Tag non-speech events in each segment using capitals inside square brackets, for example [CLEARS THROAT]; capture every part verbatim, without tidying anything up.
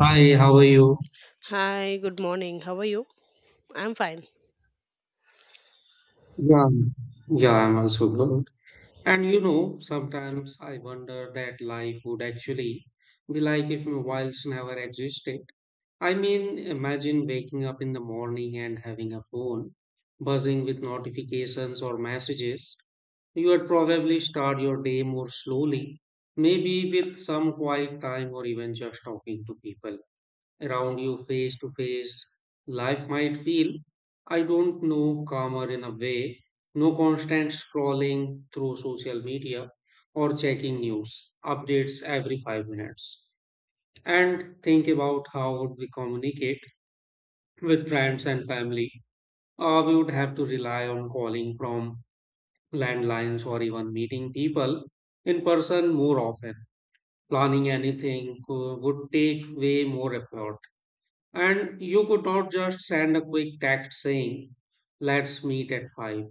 Hi, how are you? Hi, good morning. How are you? I'm fine. Yeah, Yeah, I'm also good. And you know, sometimes I wonder that life would actually be like if mobiles never existed. I mean, imagine waking up in the morning and having a phone buzzing with notifications or messages. You would probably start your day more slowly, maybe with some quiet time or even just talking to people around you face to face. Life might feel, I don't know, calmer in a way. No constant scrolling through social media or checking news updates every five minutes. And think about how would we communicate with friends and family. Uh, we would have to rely on calling from landlines or even meeting people in person more often. Planning anything uh, would take way more effort. And you could not just send a quick text saying, let's meet at five.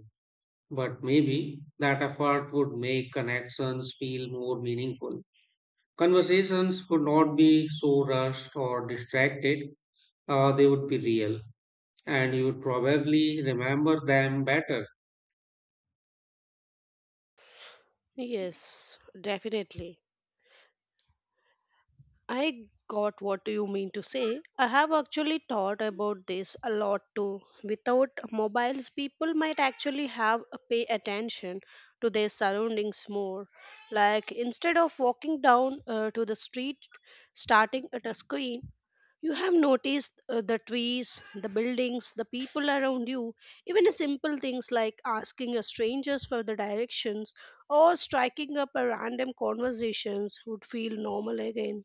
But maybe that effort would make connections feel more meaningful. Conversations would not be so rushed or distracted, uh, they would be real. And you would probably remember them better. Yes, definitely. I got what you mean to say. I have actually thought about this a lot too. Without mobiles, people might actually have a pay attention to their surroundings more. Like instead of walking down uh, to the street, starting at a screen, you have noticed uh, the trees, the buildings, the people around you, even the simple things like asking a strangers for the directions or striking up a random conversations would feel normal again.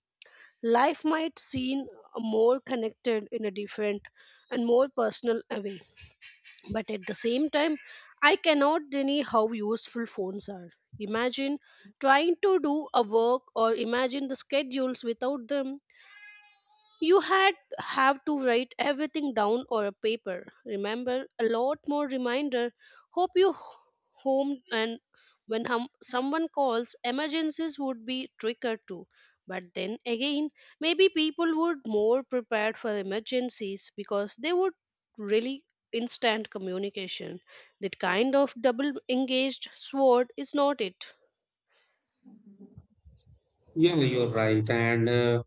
Life might seem more connected in a different and more personal a way, but at the same time, I cannot deny how useful phones are. Imagine trying to do a work or imagine the schedules without them, you had have to write everything down or a paper. Remember, a lot more reminder. Hope you h- Home and when hum, someone calls, emergencies would be triggered too. But then again, maybe people would more prepared for emergencies because they would really instant communication. That kind of double engaged sword is not it. Yeah, you're right. And uh,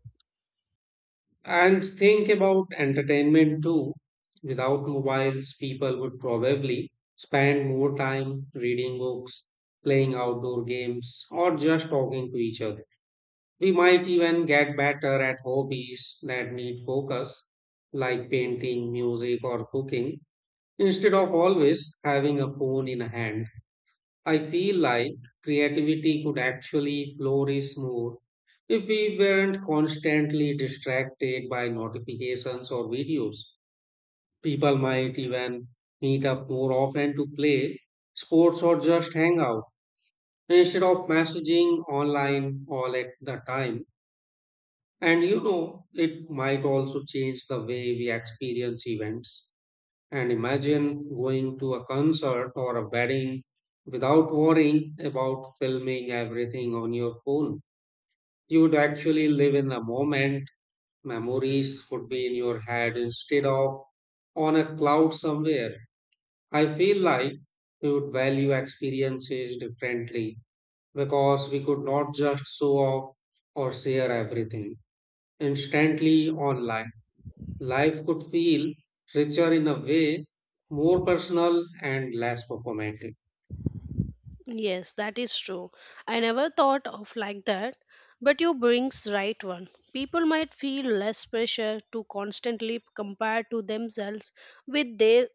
And think about entertainment too. Without mobiles, people would probably spend more time reading books, playing outdoor games, or just talking to each other. We might even get better at hobbies that need focus, like painting, music, or cooking, instead of always having a phone in hand. I feel like creativity could actually flourish more if we weren't constantly distracted by notifications or videos. People might even meet up more often to play sports or just hang out instead of messaging online all at the time. And you know, it might also change the way we experience events. And imagine going to a concert or a wedding without worrying about filming everything on your phone. You would actually live in the moment. Memories would be in your head instead of on a cloud somewhere. I feel like we would value experiences differently because we could not just show off or share everything instantly online. Life could feel richer in a way, more personal and less performative. Yes, that is true. I never thought of like that, but you brings right one. People might feel less pressure to constantly compare to themselves with their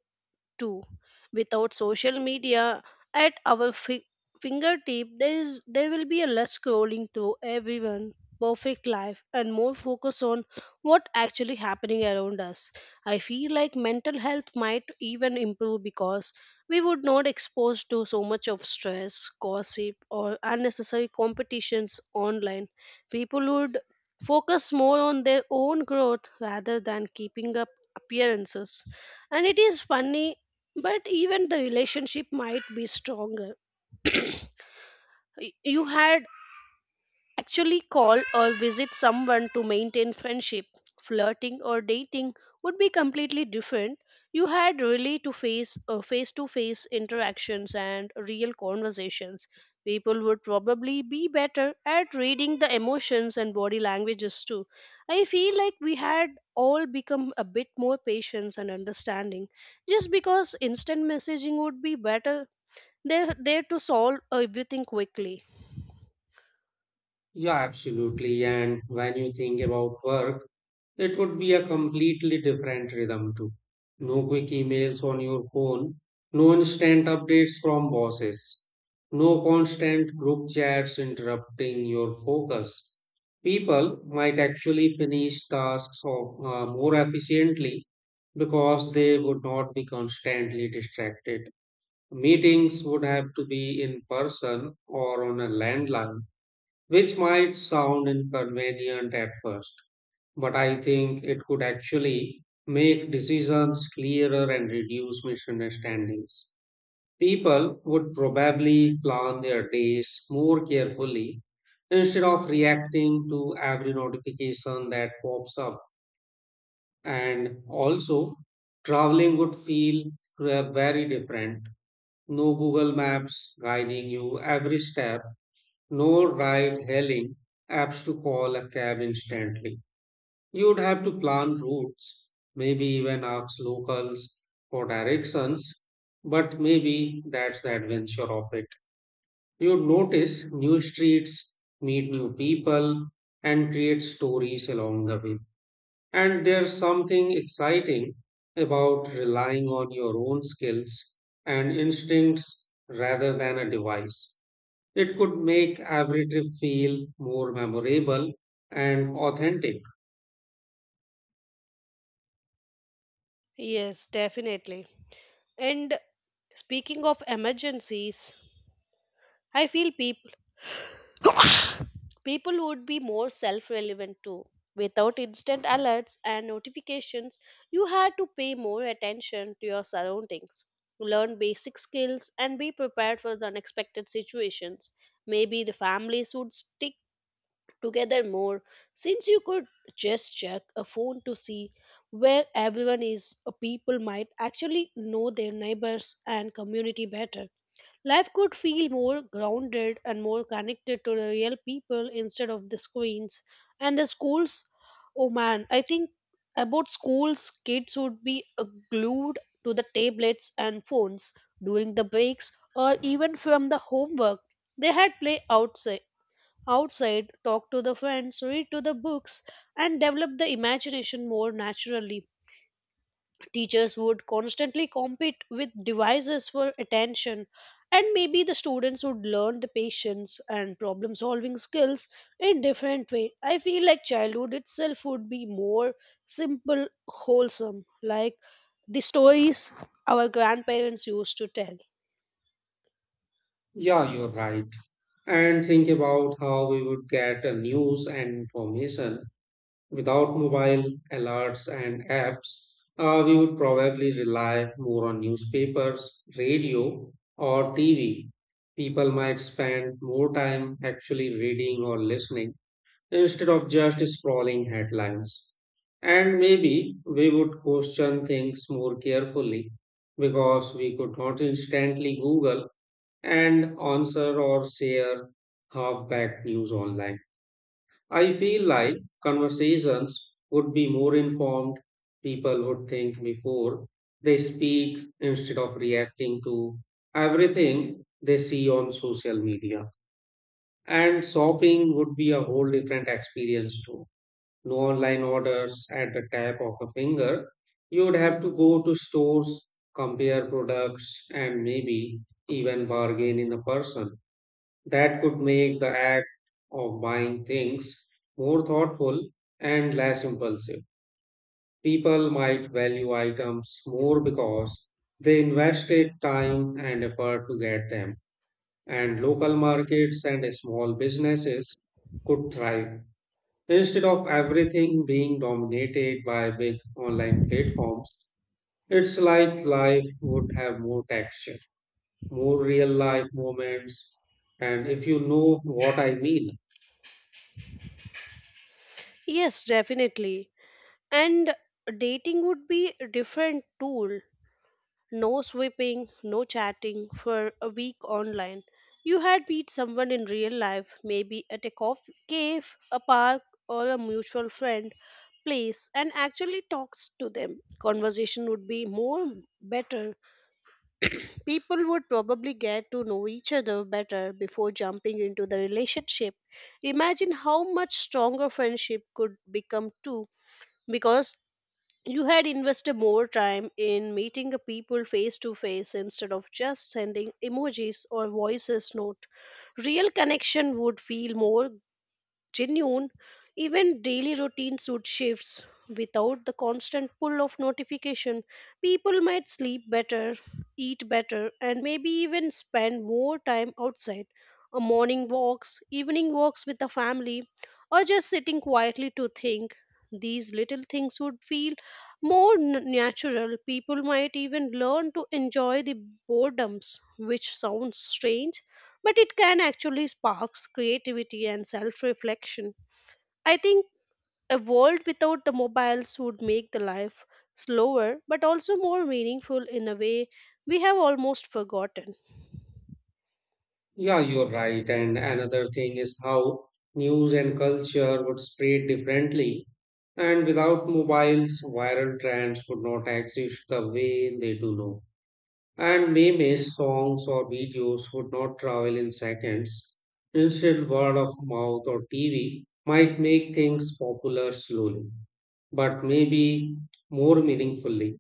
too. Without social media at our fi- fingertip, there is there will be a less scrolling through everyone perfect life and more focus on what actually happening around us. I feel like mental health might even improve because we would not exposed to so much of stress, gossip or unnecessary competitions online. People would focus more on their own growth rather than keeping up appearances, and it is funny but even the relationship might be stronger. [CLEARS THROAT] Y- you had actually called or visit someone to maintain friendship. Flirting or dating would be completely different. You had really to face uh, face-to-face interactions and real conversations. People would probably be better at reading the emotions and body languages too. I feel like we had all become a bit more patient and understanding, just because instant messaging would be better, they're there to solve everything quickly. Yeah, absolutely. And when you think about work, it would be a completely different rhythm too. No quick emails on your phone, no instant updates from bosses, no constant group chats interrupting your focus. People might actually finish tasks or, uh, more efficiently because they would not be constantly distracted. Meetings would have to be in person or on a landline, which might sound inconvenient at first, but I think it could actually make decisions clearer and reduce misunderstandings. People would probably plan their days more carefully instead of reacting to every notification that pops up. And also, traveling would feel uh, very different. No Google Maps guiding you every step, no ride hailing apps to call a cab instantly. You'd have to plan routes, maybe even ask locals for directions, but maybe that's the adventure of it. You'd notice new streets, meet new people, and create stories along the way. And there's something exciting about relying on your own skills and instincts rather than a device. It could make every trip feel more memorable and authentic. Yes, definitely. And speaking of emergencies, I feel people [COUGHS] people would be more self-relevant too. Without instant alerts and notifications, you had to pay more attention to your surroundings, learn basic skills, and be prepared for the unexpected situations. Maybe the families would stick together more, since you could just check a phone to see where everyone is. Uh, people might actually know their neighbors and community better. Life could feel more grounded and more connected to the real people instead of the screens. And the schools, oh man, I think about schools. Kids would be uh, glued to the tablets and phones during the breaks or even from the homework. They had play outside outside, talk to the friends, read to the books, and develop the imagination more naturally. Teachers would constantly compete with devices for attention, and maybe the students would learn the patience and problem solving skills in different way. I feel like childhood itself would be more simple, wholesome, like the stories our grandparents used to tell. Yeah, you're right. And think about how we would get a news and information. Without mobile alerts and apps, uh, we would probably rely more on newspapers, radio, or T V. People might spend more time actually reading or listening instead of just scrolling headlines. And maybe we would question things more carefully because we could not instantly Google and answer or share half-baked news online. I feel like conversations would be more informed, people would think before they speak instead of reacting to everything they see on social media. And shopping would be a whole different experience too. No online orders at the tap of a finger. You would have to go to stores, compare products, and maybe even bargain in a person. That could make the act of buying things more thoughtful and less impulsive. People might value items more because they invested time and effort to get them, and local markets and small businesses could thrive. Instead of everything being dominated by big online platforms, it's like life would have more texture, more real life moments, and if you know what I mean. Yes, definitely. And dating would be a different tool. No sweeping, no chatting for a week online. You had met someone in real life, maybe at a coffee cave, a park, or a mutual friend place, and actually talks to them. Conversation would be more better. [CLEARS THROAT] People would probably get to know each other better before jumping into the relationship. Imagine how much stronger friendship could become too, because you had invested more time in meeting the people face to face instead of just sending emojis or voices note. Real connection would feel more genuine. Even daily routines would shift. Without the constant pull of notification, people might sleep better, eat better, and maybe even spend more time outside. A morning walks, evening walks with the family, or just sitting quietly to think. These little things would feel more n- natural. People might even learn to enjoy the boredoms, which sounds strange but it can actually sparks creativity and self-reflection. I think a world without the mobiles would make the life slower but also more meaningful in a way we have almost forgotten. Yeah, you're right. And another thing is how news and culture would spread differently. And without mobiles, viral trends would not exist the way they do now. And memes, songs, or videos would not travel in seconds. Instead, word of mouth or T V might make things popular slowly, but maybe more meaningfully.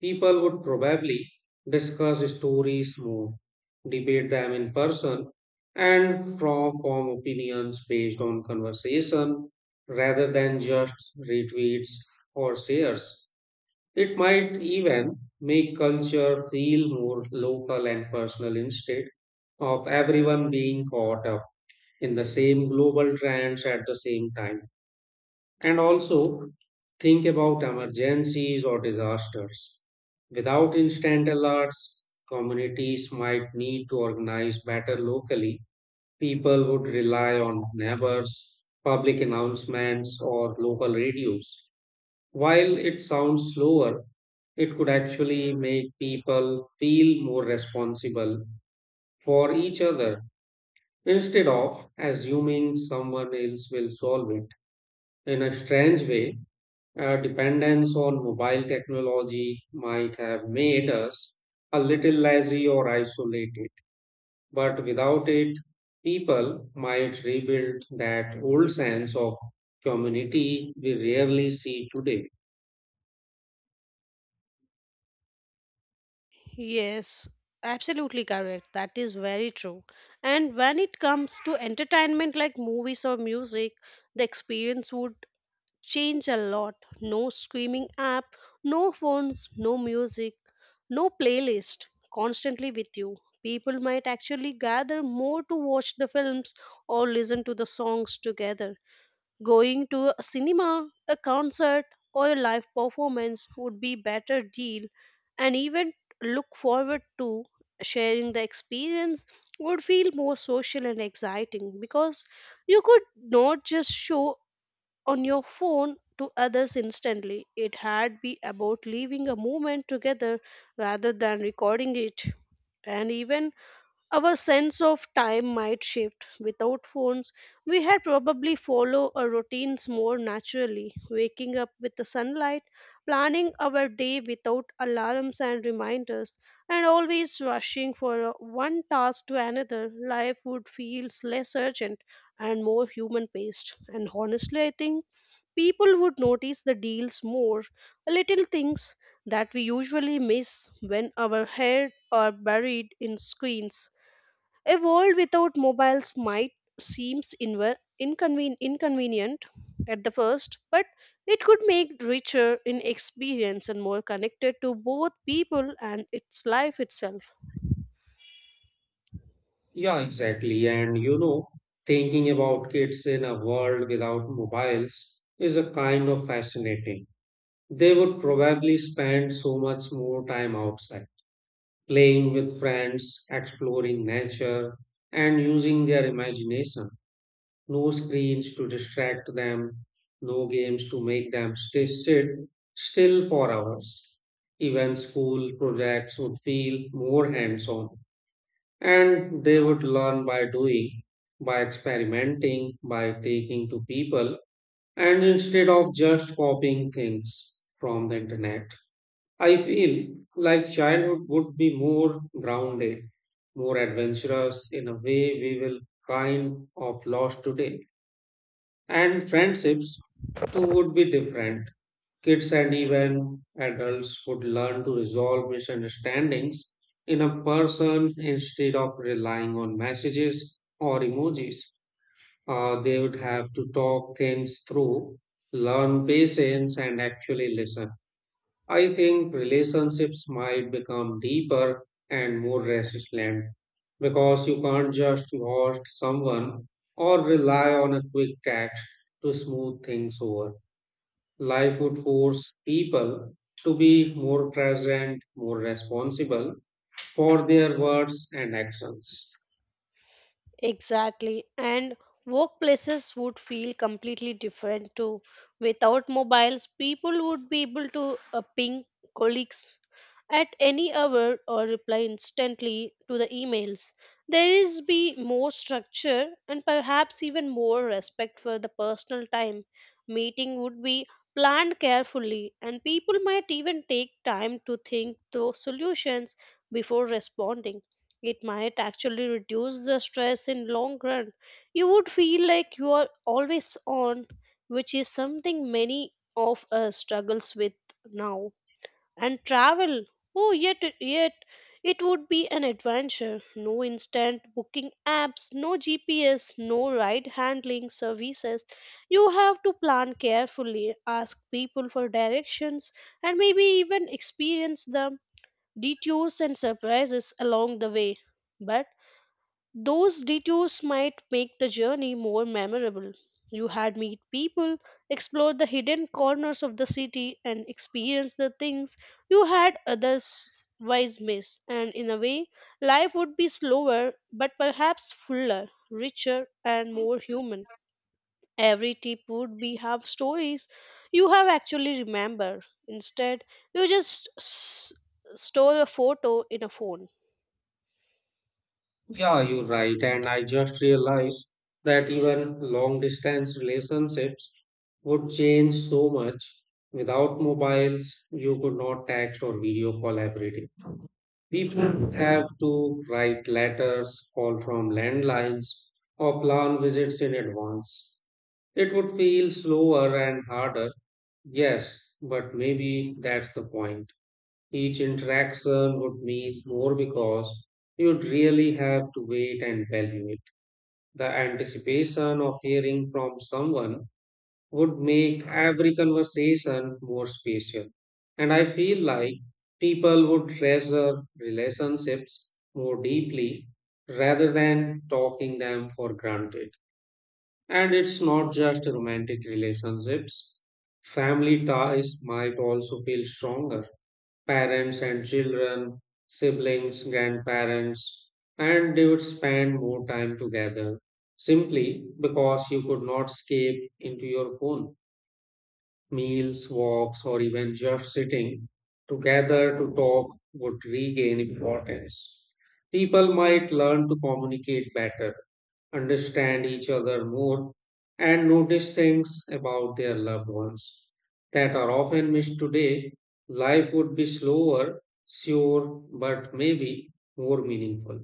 People would probably discuss stories more, debate them in person, and from, form opinions based on conversation rather than just retweets or shares. It might even make culture feel more local and personal instead of everyone being caught up in the same global trends at the same time. And also think about emergencies or disasters. Without instant alerts, communities might need to organize better locally. People would rely on neighbors, public announcements, or local radios. While it sounds slower, it could actually make people feel more responsible for each other instead of assuming someone else will solve it. In a strange way, uh, dependence on mobile technology might have made us a little lazy or isolated, but without it, people might rebuild that old sense of community we rarely see today. Yes, absolutely correct. That is very true. And when it comes to entertainment like movies or music, the experience would change a lot. No screaming app, no phones, no music, no playlist constantly with you. People might actually gather more to watch the films or listen to the songs together. Going to a cinema, a concert, or a live performance would be better deal, and even look forward to sharing the experience would feel more social and exciting because you could not just show on your phone to others instantly. It had be about living a moment together rather than recording it. And even our sense of time might shift. Without phones, we had probably follow our routines more naturally, waking up with the sunlight, planning our day without alarms and reminders, and always rushing for uh, one task to another. Life would feel less urgent and more human paced. And honestly, I think people would notice the deals more, little things that we usually miss when our head are buried in screens. A world without mobiles might seem inve- inconven- inconvenient at the first, but it could make richer in experience and more connected to both people and its life itself. Yeah, exactly. And you know, thinking about kids in a world without mobiles is a kind of fascinating. They would probably spend so much more time outside playing with friends, exploring nature, and using their imagination. No screens to distract them, no games to make them stay, sit still for hours. Even school projects would feel more hands on, and they would learn by doing, by experimenting, by taking to people, and instead of just copying things from the internet. I feel like childhood would be more grounded, more adventurous in a way we will kind of lost today. And friendships too would be different. Kids and even adults would learn to resolve misunderstandings in a person instead of relying on messages or emojis. Uh, they would have to talk things through, learn patience, and actually listen. I think relationships might become deeper and more resilient because you can't just ghost someone or rely on a quick text to smooth things over. Life would force people to be more present, more responsible for their words and actions. Exactly. And workplaces would feel completely different too. Without mobiles, people would be able to uh, ping colleagues, at any hour or reply instantly to the emails. There is be more structure and perhaps even more respect for the personal time. Meeting would be planned carefully and people might even take time to think those solutions before responding. It might actually reduce the stress in long run. You would feel like you are always on, which is something many of us struggles with now. And travel. Oh, yet, yet it would be an adventure. No instant booking apps, no G P S, no ride handling services. You have to plan carefully, ask people for directions, and maybe even experience the detours and surprises along the way. But those detours might make the journey more memorable. You had meet people, explore the hidden corners of the city, and experience the things you had otherwise miss. And in a way, life would be slower, but perhaps fuller, richer, and more human. Every tip would be have stories you have actually remember. Instead, you just s- store a photo in a phone. Yeah, you're right. And I just realized that even long distance relationships would change so much. Without mobiles, you could not text or video call every day. People have to write letters, call from landlines, or plan visits in advance. It would feel slower and harder, yes, but maybe that's the point. Each interaction would mean more because you'd really have to wait and value it. The anticipation of hearing from someone would make every conversation more special. And I feel like people would treasure relationships more deeply rather than taking them for granted. And it's not just romantic relationships, family ties might also feel stronger. Parents and children, siblings, grandparents, and they would spend more time together simply because you could not escape into your phone. Meals, walks, or even just sitting together to talk would regain importance. People might learn to communicate better, understand each other more, and notice things about their loved ones that are often missed today. Life would be slower, sure, but maybe more meaningful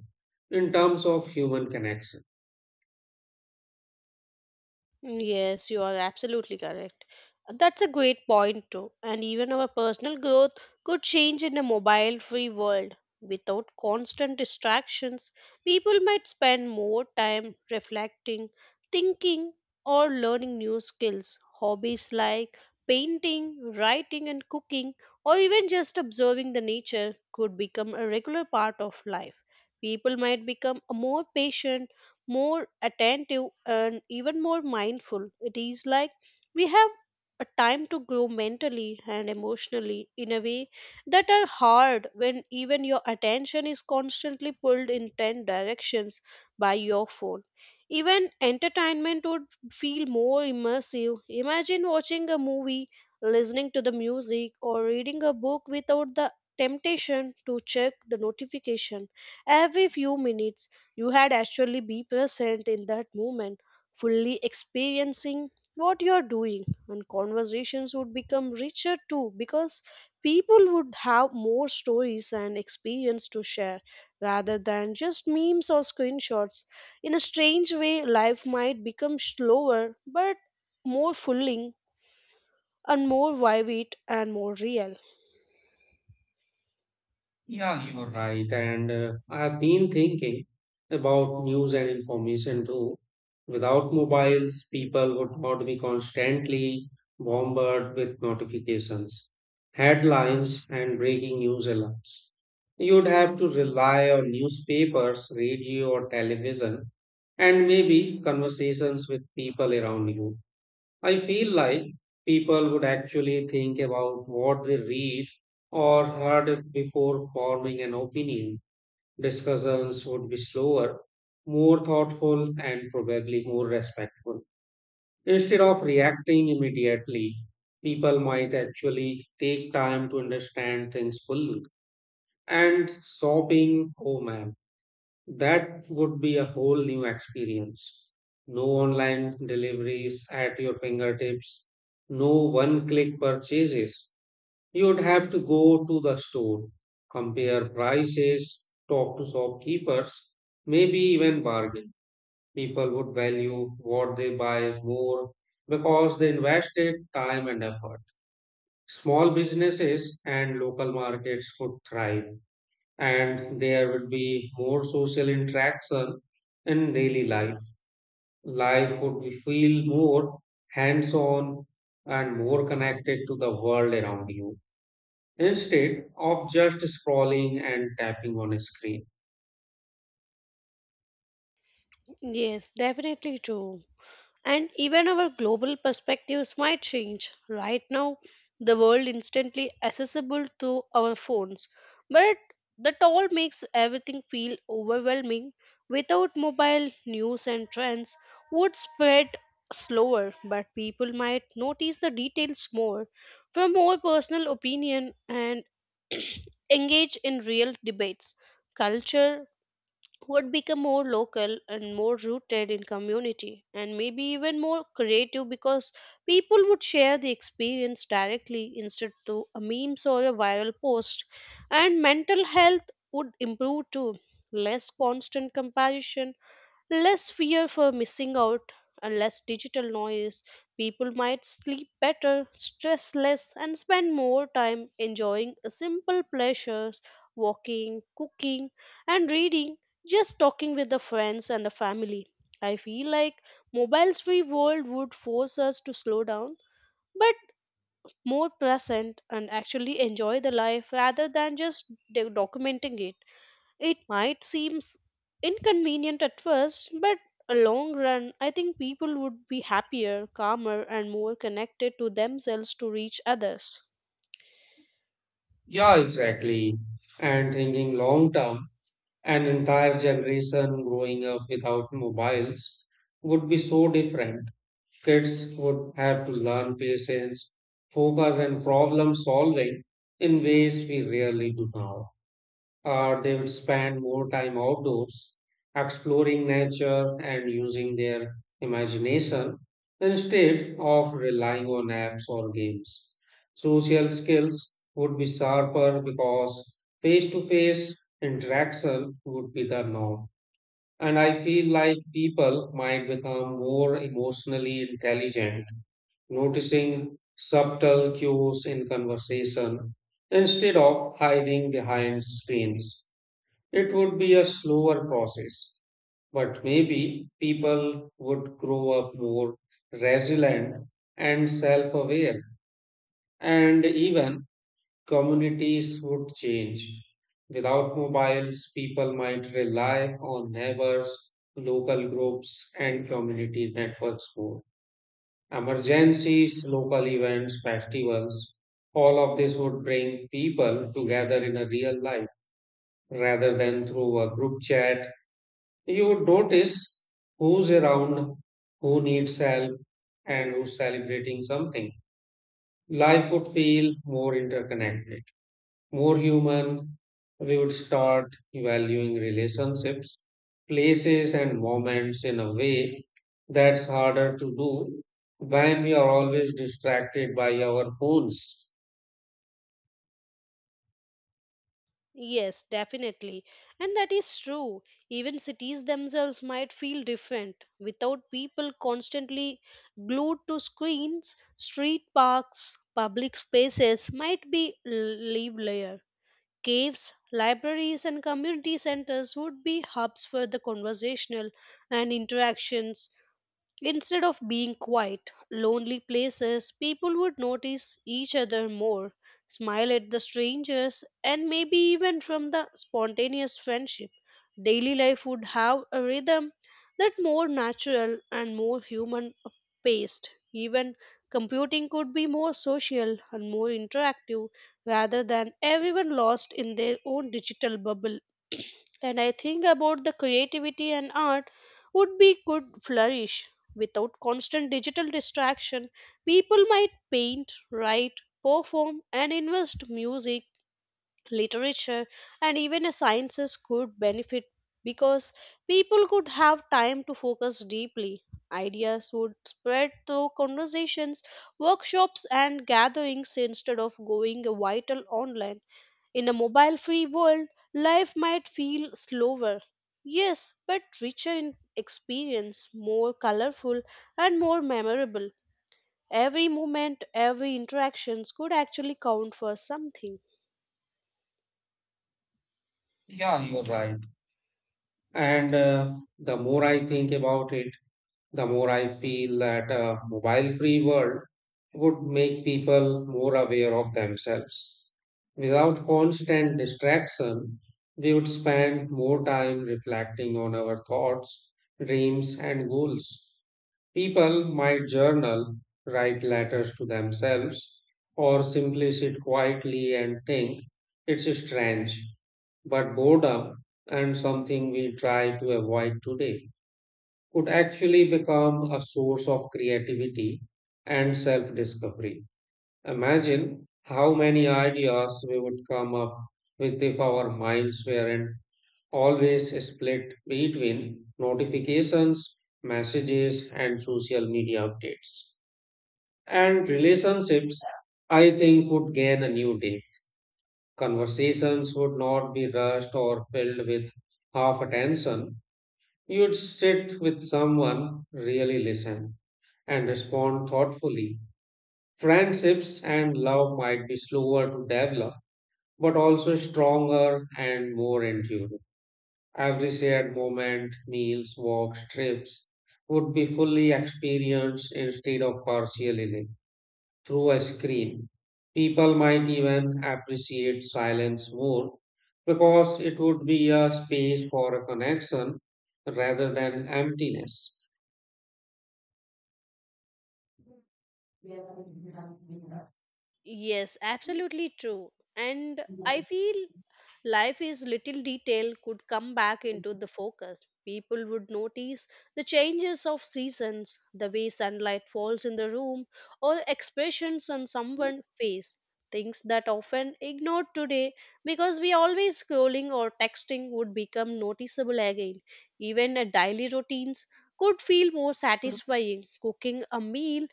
in terms of human connection. Yes, you are absolutely correct. That's a great point, too. And even our personal growth could change in a mobile free world. Without constant distractions, people might spend more time reflecting, thinking, or learning new skills. Hobbies like painting, writing, and cooking, or even just observing the nature, could become a regular part of life. People might become more patient, more attentive and even more mindful. It is like we have a time to grow mentally and emotionally in a way that are hard when even your attention is constantly pulled in ten directions by your phone. Even entertainment would feel more immersive. Imagine watching a movie, listening to the music, or reading a book without the temptation to check the notification every few minutes. You had actually be present in that moment, fully experiencing what you are doing, and conversations would become richer too because people would have more stories and experience to share rather than just memes or screenshots. In a strange way, life might become slower but more fulfilling and more vivid and more real. Yeah, you're right. And uh, I've been thinking about news and information too. Without mobiles, people would not be constantly bombarded with notifications, headlines, and breaking news alerts. You'd have to rely on newspapers, radio, or television, and maybe conversations with people around you. I feel like people would actually think about what they read or heard before forming an opinion. Discussions would be slower, more thoughtful, and probably more respectful. Instead of reacting immediately, people might actually take time to understand things fully. And sobbing, oh man, that would be a whole new experience. No online deliveries at your fingertips, no one click purchases. You would have to go to the store, compare prices, talk to shopkeepers, maybe even bargain. People would value what they buy more because they invested time and effort. Small businesses and local markets could thrive and there would be more social interaction in daily life. Life would be- feel more hands on and more connected to the world around you instead of just scrolling and tapping on a screen. Yes, definitely true. And even our global perspectives might change. Right now, the world instantly accessible to our phones, but that all makes everything feel overwhelming. Without mobile, news and trends would spread slower, but people might notice the details more, from more personal opinion and [CLEARS THROAT] engage in real debates. Culture would become more local and more rooted in community, and maybe even more creative because people would share the experience directly instead to a memes or a viral post. And mental health would improve too. Less constant comparison, less fear for missing out, and less digital noise. People might sleep better, stress less and spend more time enjoying simple pleasures, walking, cooking, and reading, just talking with the friends and the family. I feel like mobiles free world would force us to slow down, but more present and actually enjoy the life rather than just do- documenting it. It might seem inconvenient at first, but a long run I think people would be happier, calmer and more connected to themselves to reach others. Yeah, exactly. And thinking long term, an entire generation growing up without mobiles would be so different. Kids would have to learn patience, focus, and problem solving in ways we rarely do now. Or they would spend more time outdoors, exploring nature and using their imagination instead of relying on apps or games. Social skills would be sharper because face to face interaction would be the norm. And I feel like people might become more emotionally intelligent, noticing subtle cues in conversation instead of hiding behind screens. It would be a slower process, but maybe people would grow up more resilient and self aware, and even communities would change. Without mobiles, people might rely on neighbors, local groups, and community networks more. Emergencies, local events, festivals, all of this would bring people together in a real life rather than through a group chat. You would notice who's around, who needs help, and who's celebrating something. Life would feel more interconnected, more human. We would start valuing relationships, places, and moments in a way that's harder to do when we are always distracted by our phones. Yes, definitely. And that is true. Even cities themselves might feel different without people constantly glued to screens. Street parks, public spaces might be l- live layer. Caves, libraries, and community centers would be hubs for the conversational and interactions. Instead of being quiet, lonely places, people would notice each other more, smile at the strangers, and maybe even from the spontaneous friendship. Daily life would have a rhythm that more natural and more human paced. Even computing could be more social and more interactive rather than everyone lost in their own digital bubble. [CLEARS THROAT] And I think about the creativity and art would be could flourish. Without constant digital distraction, people might paint, write, perform, and invest music, literature, and even sciences could benefit because people could have time to focus deeply. Ideas would spread through conversations, workshops, and gatherings instead of going vital online. In a mobile free world, life might feel slower. Yes, but richer in experience, more colorful, and more memorable. Every moment, every interaction could actually count for something. Yeah, you're right. And uh, The more I think about it, the more I feel that a mobile free world would make people more aware of themselves. Without constant distraction, we would spend more time reflecting on our thoughts, dreams, and goals. People might journal, write letters to themselves, or simply sit quietly and think. It's strange, but boredom and something we try to avoid today could actually become a source of creativity and self discovery. Imagine how many ideas we would come up with if our minds weren't always split between notifications, messages, and social media updates. And relationships, I think, would gain a new day. Conversations would not be rushed or filled with half attention. You'd sit with someone, really listen and respond thoughtfully. Friendships and love might be slower to develop, but also stronger and more enduring. Every shared moment, meals, walks, trips would be fully experienced instead of partially lived through a screen. People might even appreciate silence more because it would be a space for a connection rather than emptiness. Yes, absolutely true. And I feel life is little detail could come back into the focus. People would notice the changes of seasons, the way sunlight falls in the room, or expressions on someone's face. Things that often ignored today because we always scrolling or texting would become noticeable again. Even a daily routines could feel more satisfying. Cooking a meal,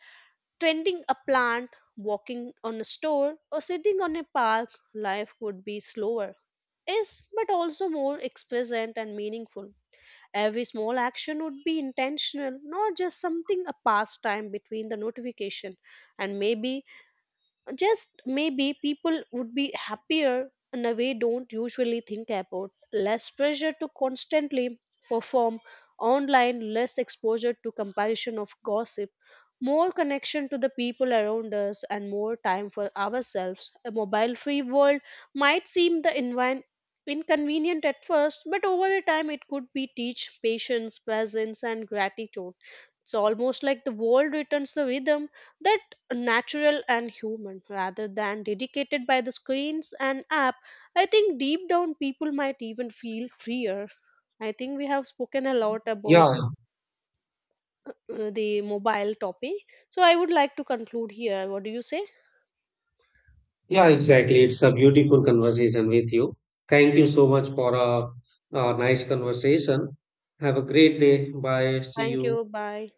tending a plant, walking on a store, or sitting on a park, life would be slower. Is but also more expressive and meaningful. Every small action would be intentional, not just something a pastime between the notification. And maybe just maybe people would be happier in a way don't usually think about. Less pressure to constantly perform online, less exposure to comparison of gossip, more connection to the people around us and more time for ourselves. A mobile free world might seem the envi- inconvenient at first, but over a time it could be teach patience presence and gratitude. It's almost like the world returns the rhythm that natural and human rather than dedicated by the screens and app. I think deep down people might even feel freer. I think we have spoken a lot about Yeah, uh, the mobile topic, so I would like to conclude here. What do you say? Yeah, exactly. It's a beautiful conversation with you. Thank you so much for a, a nice conversation. Have a great day. Bye. See Thank you. you, bye.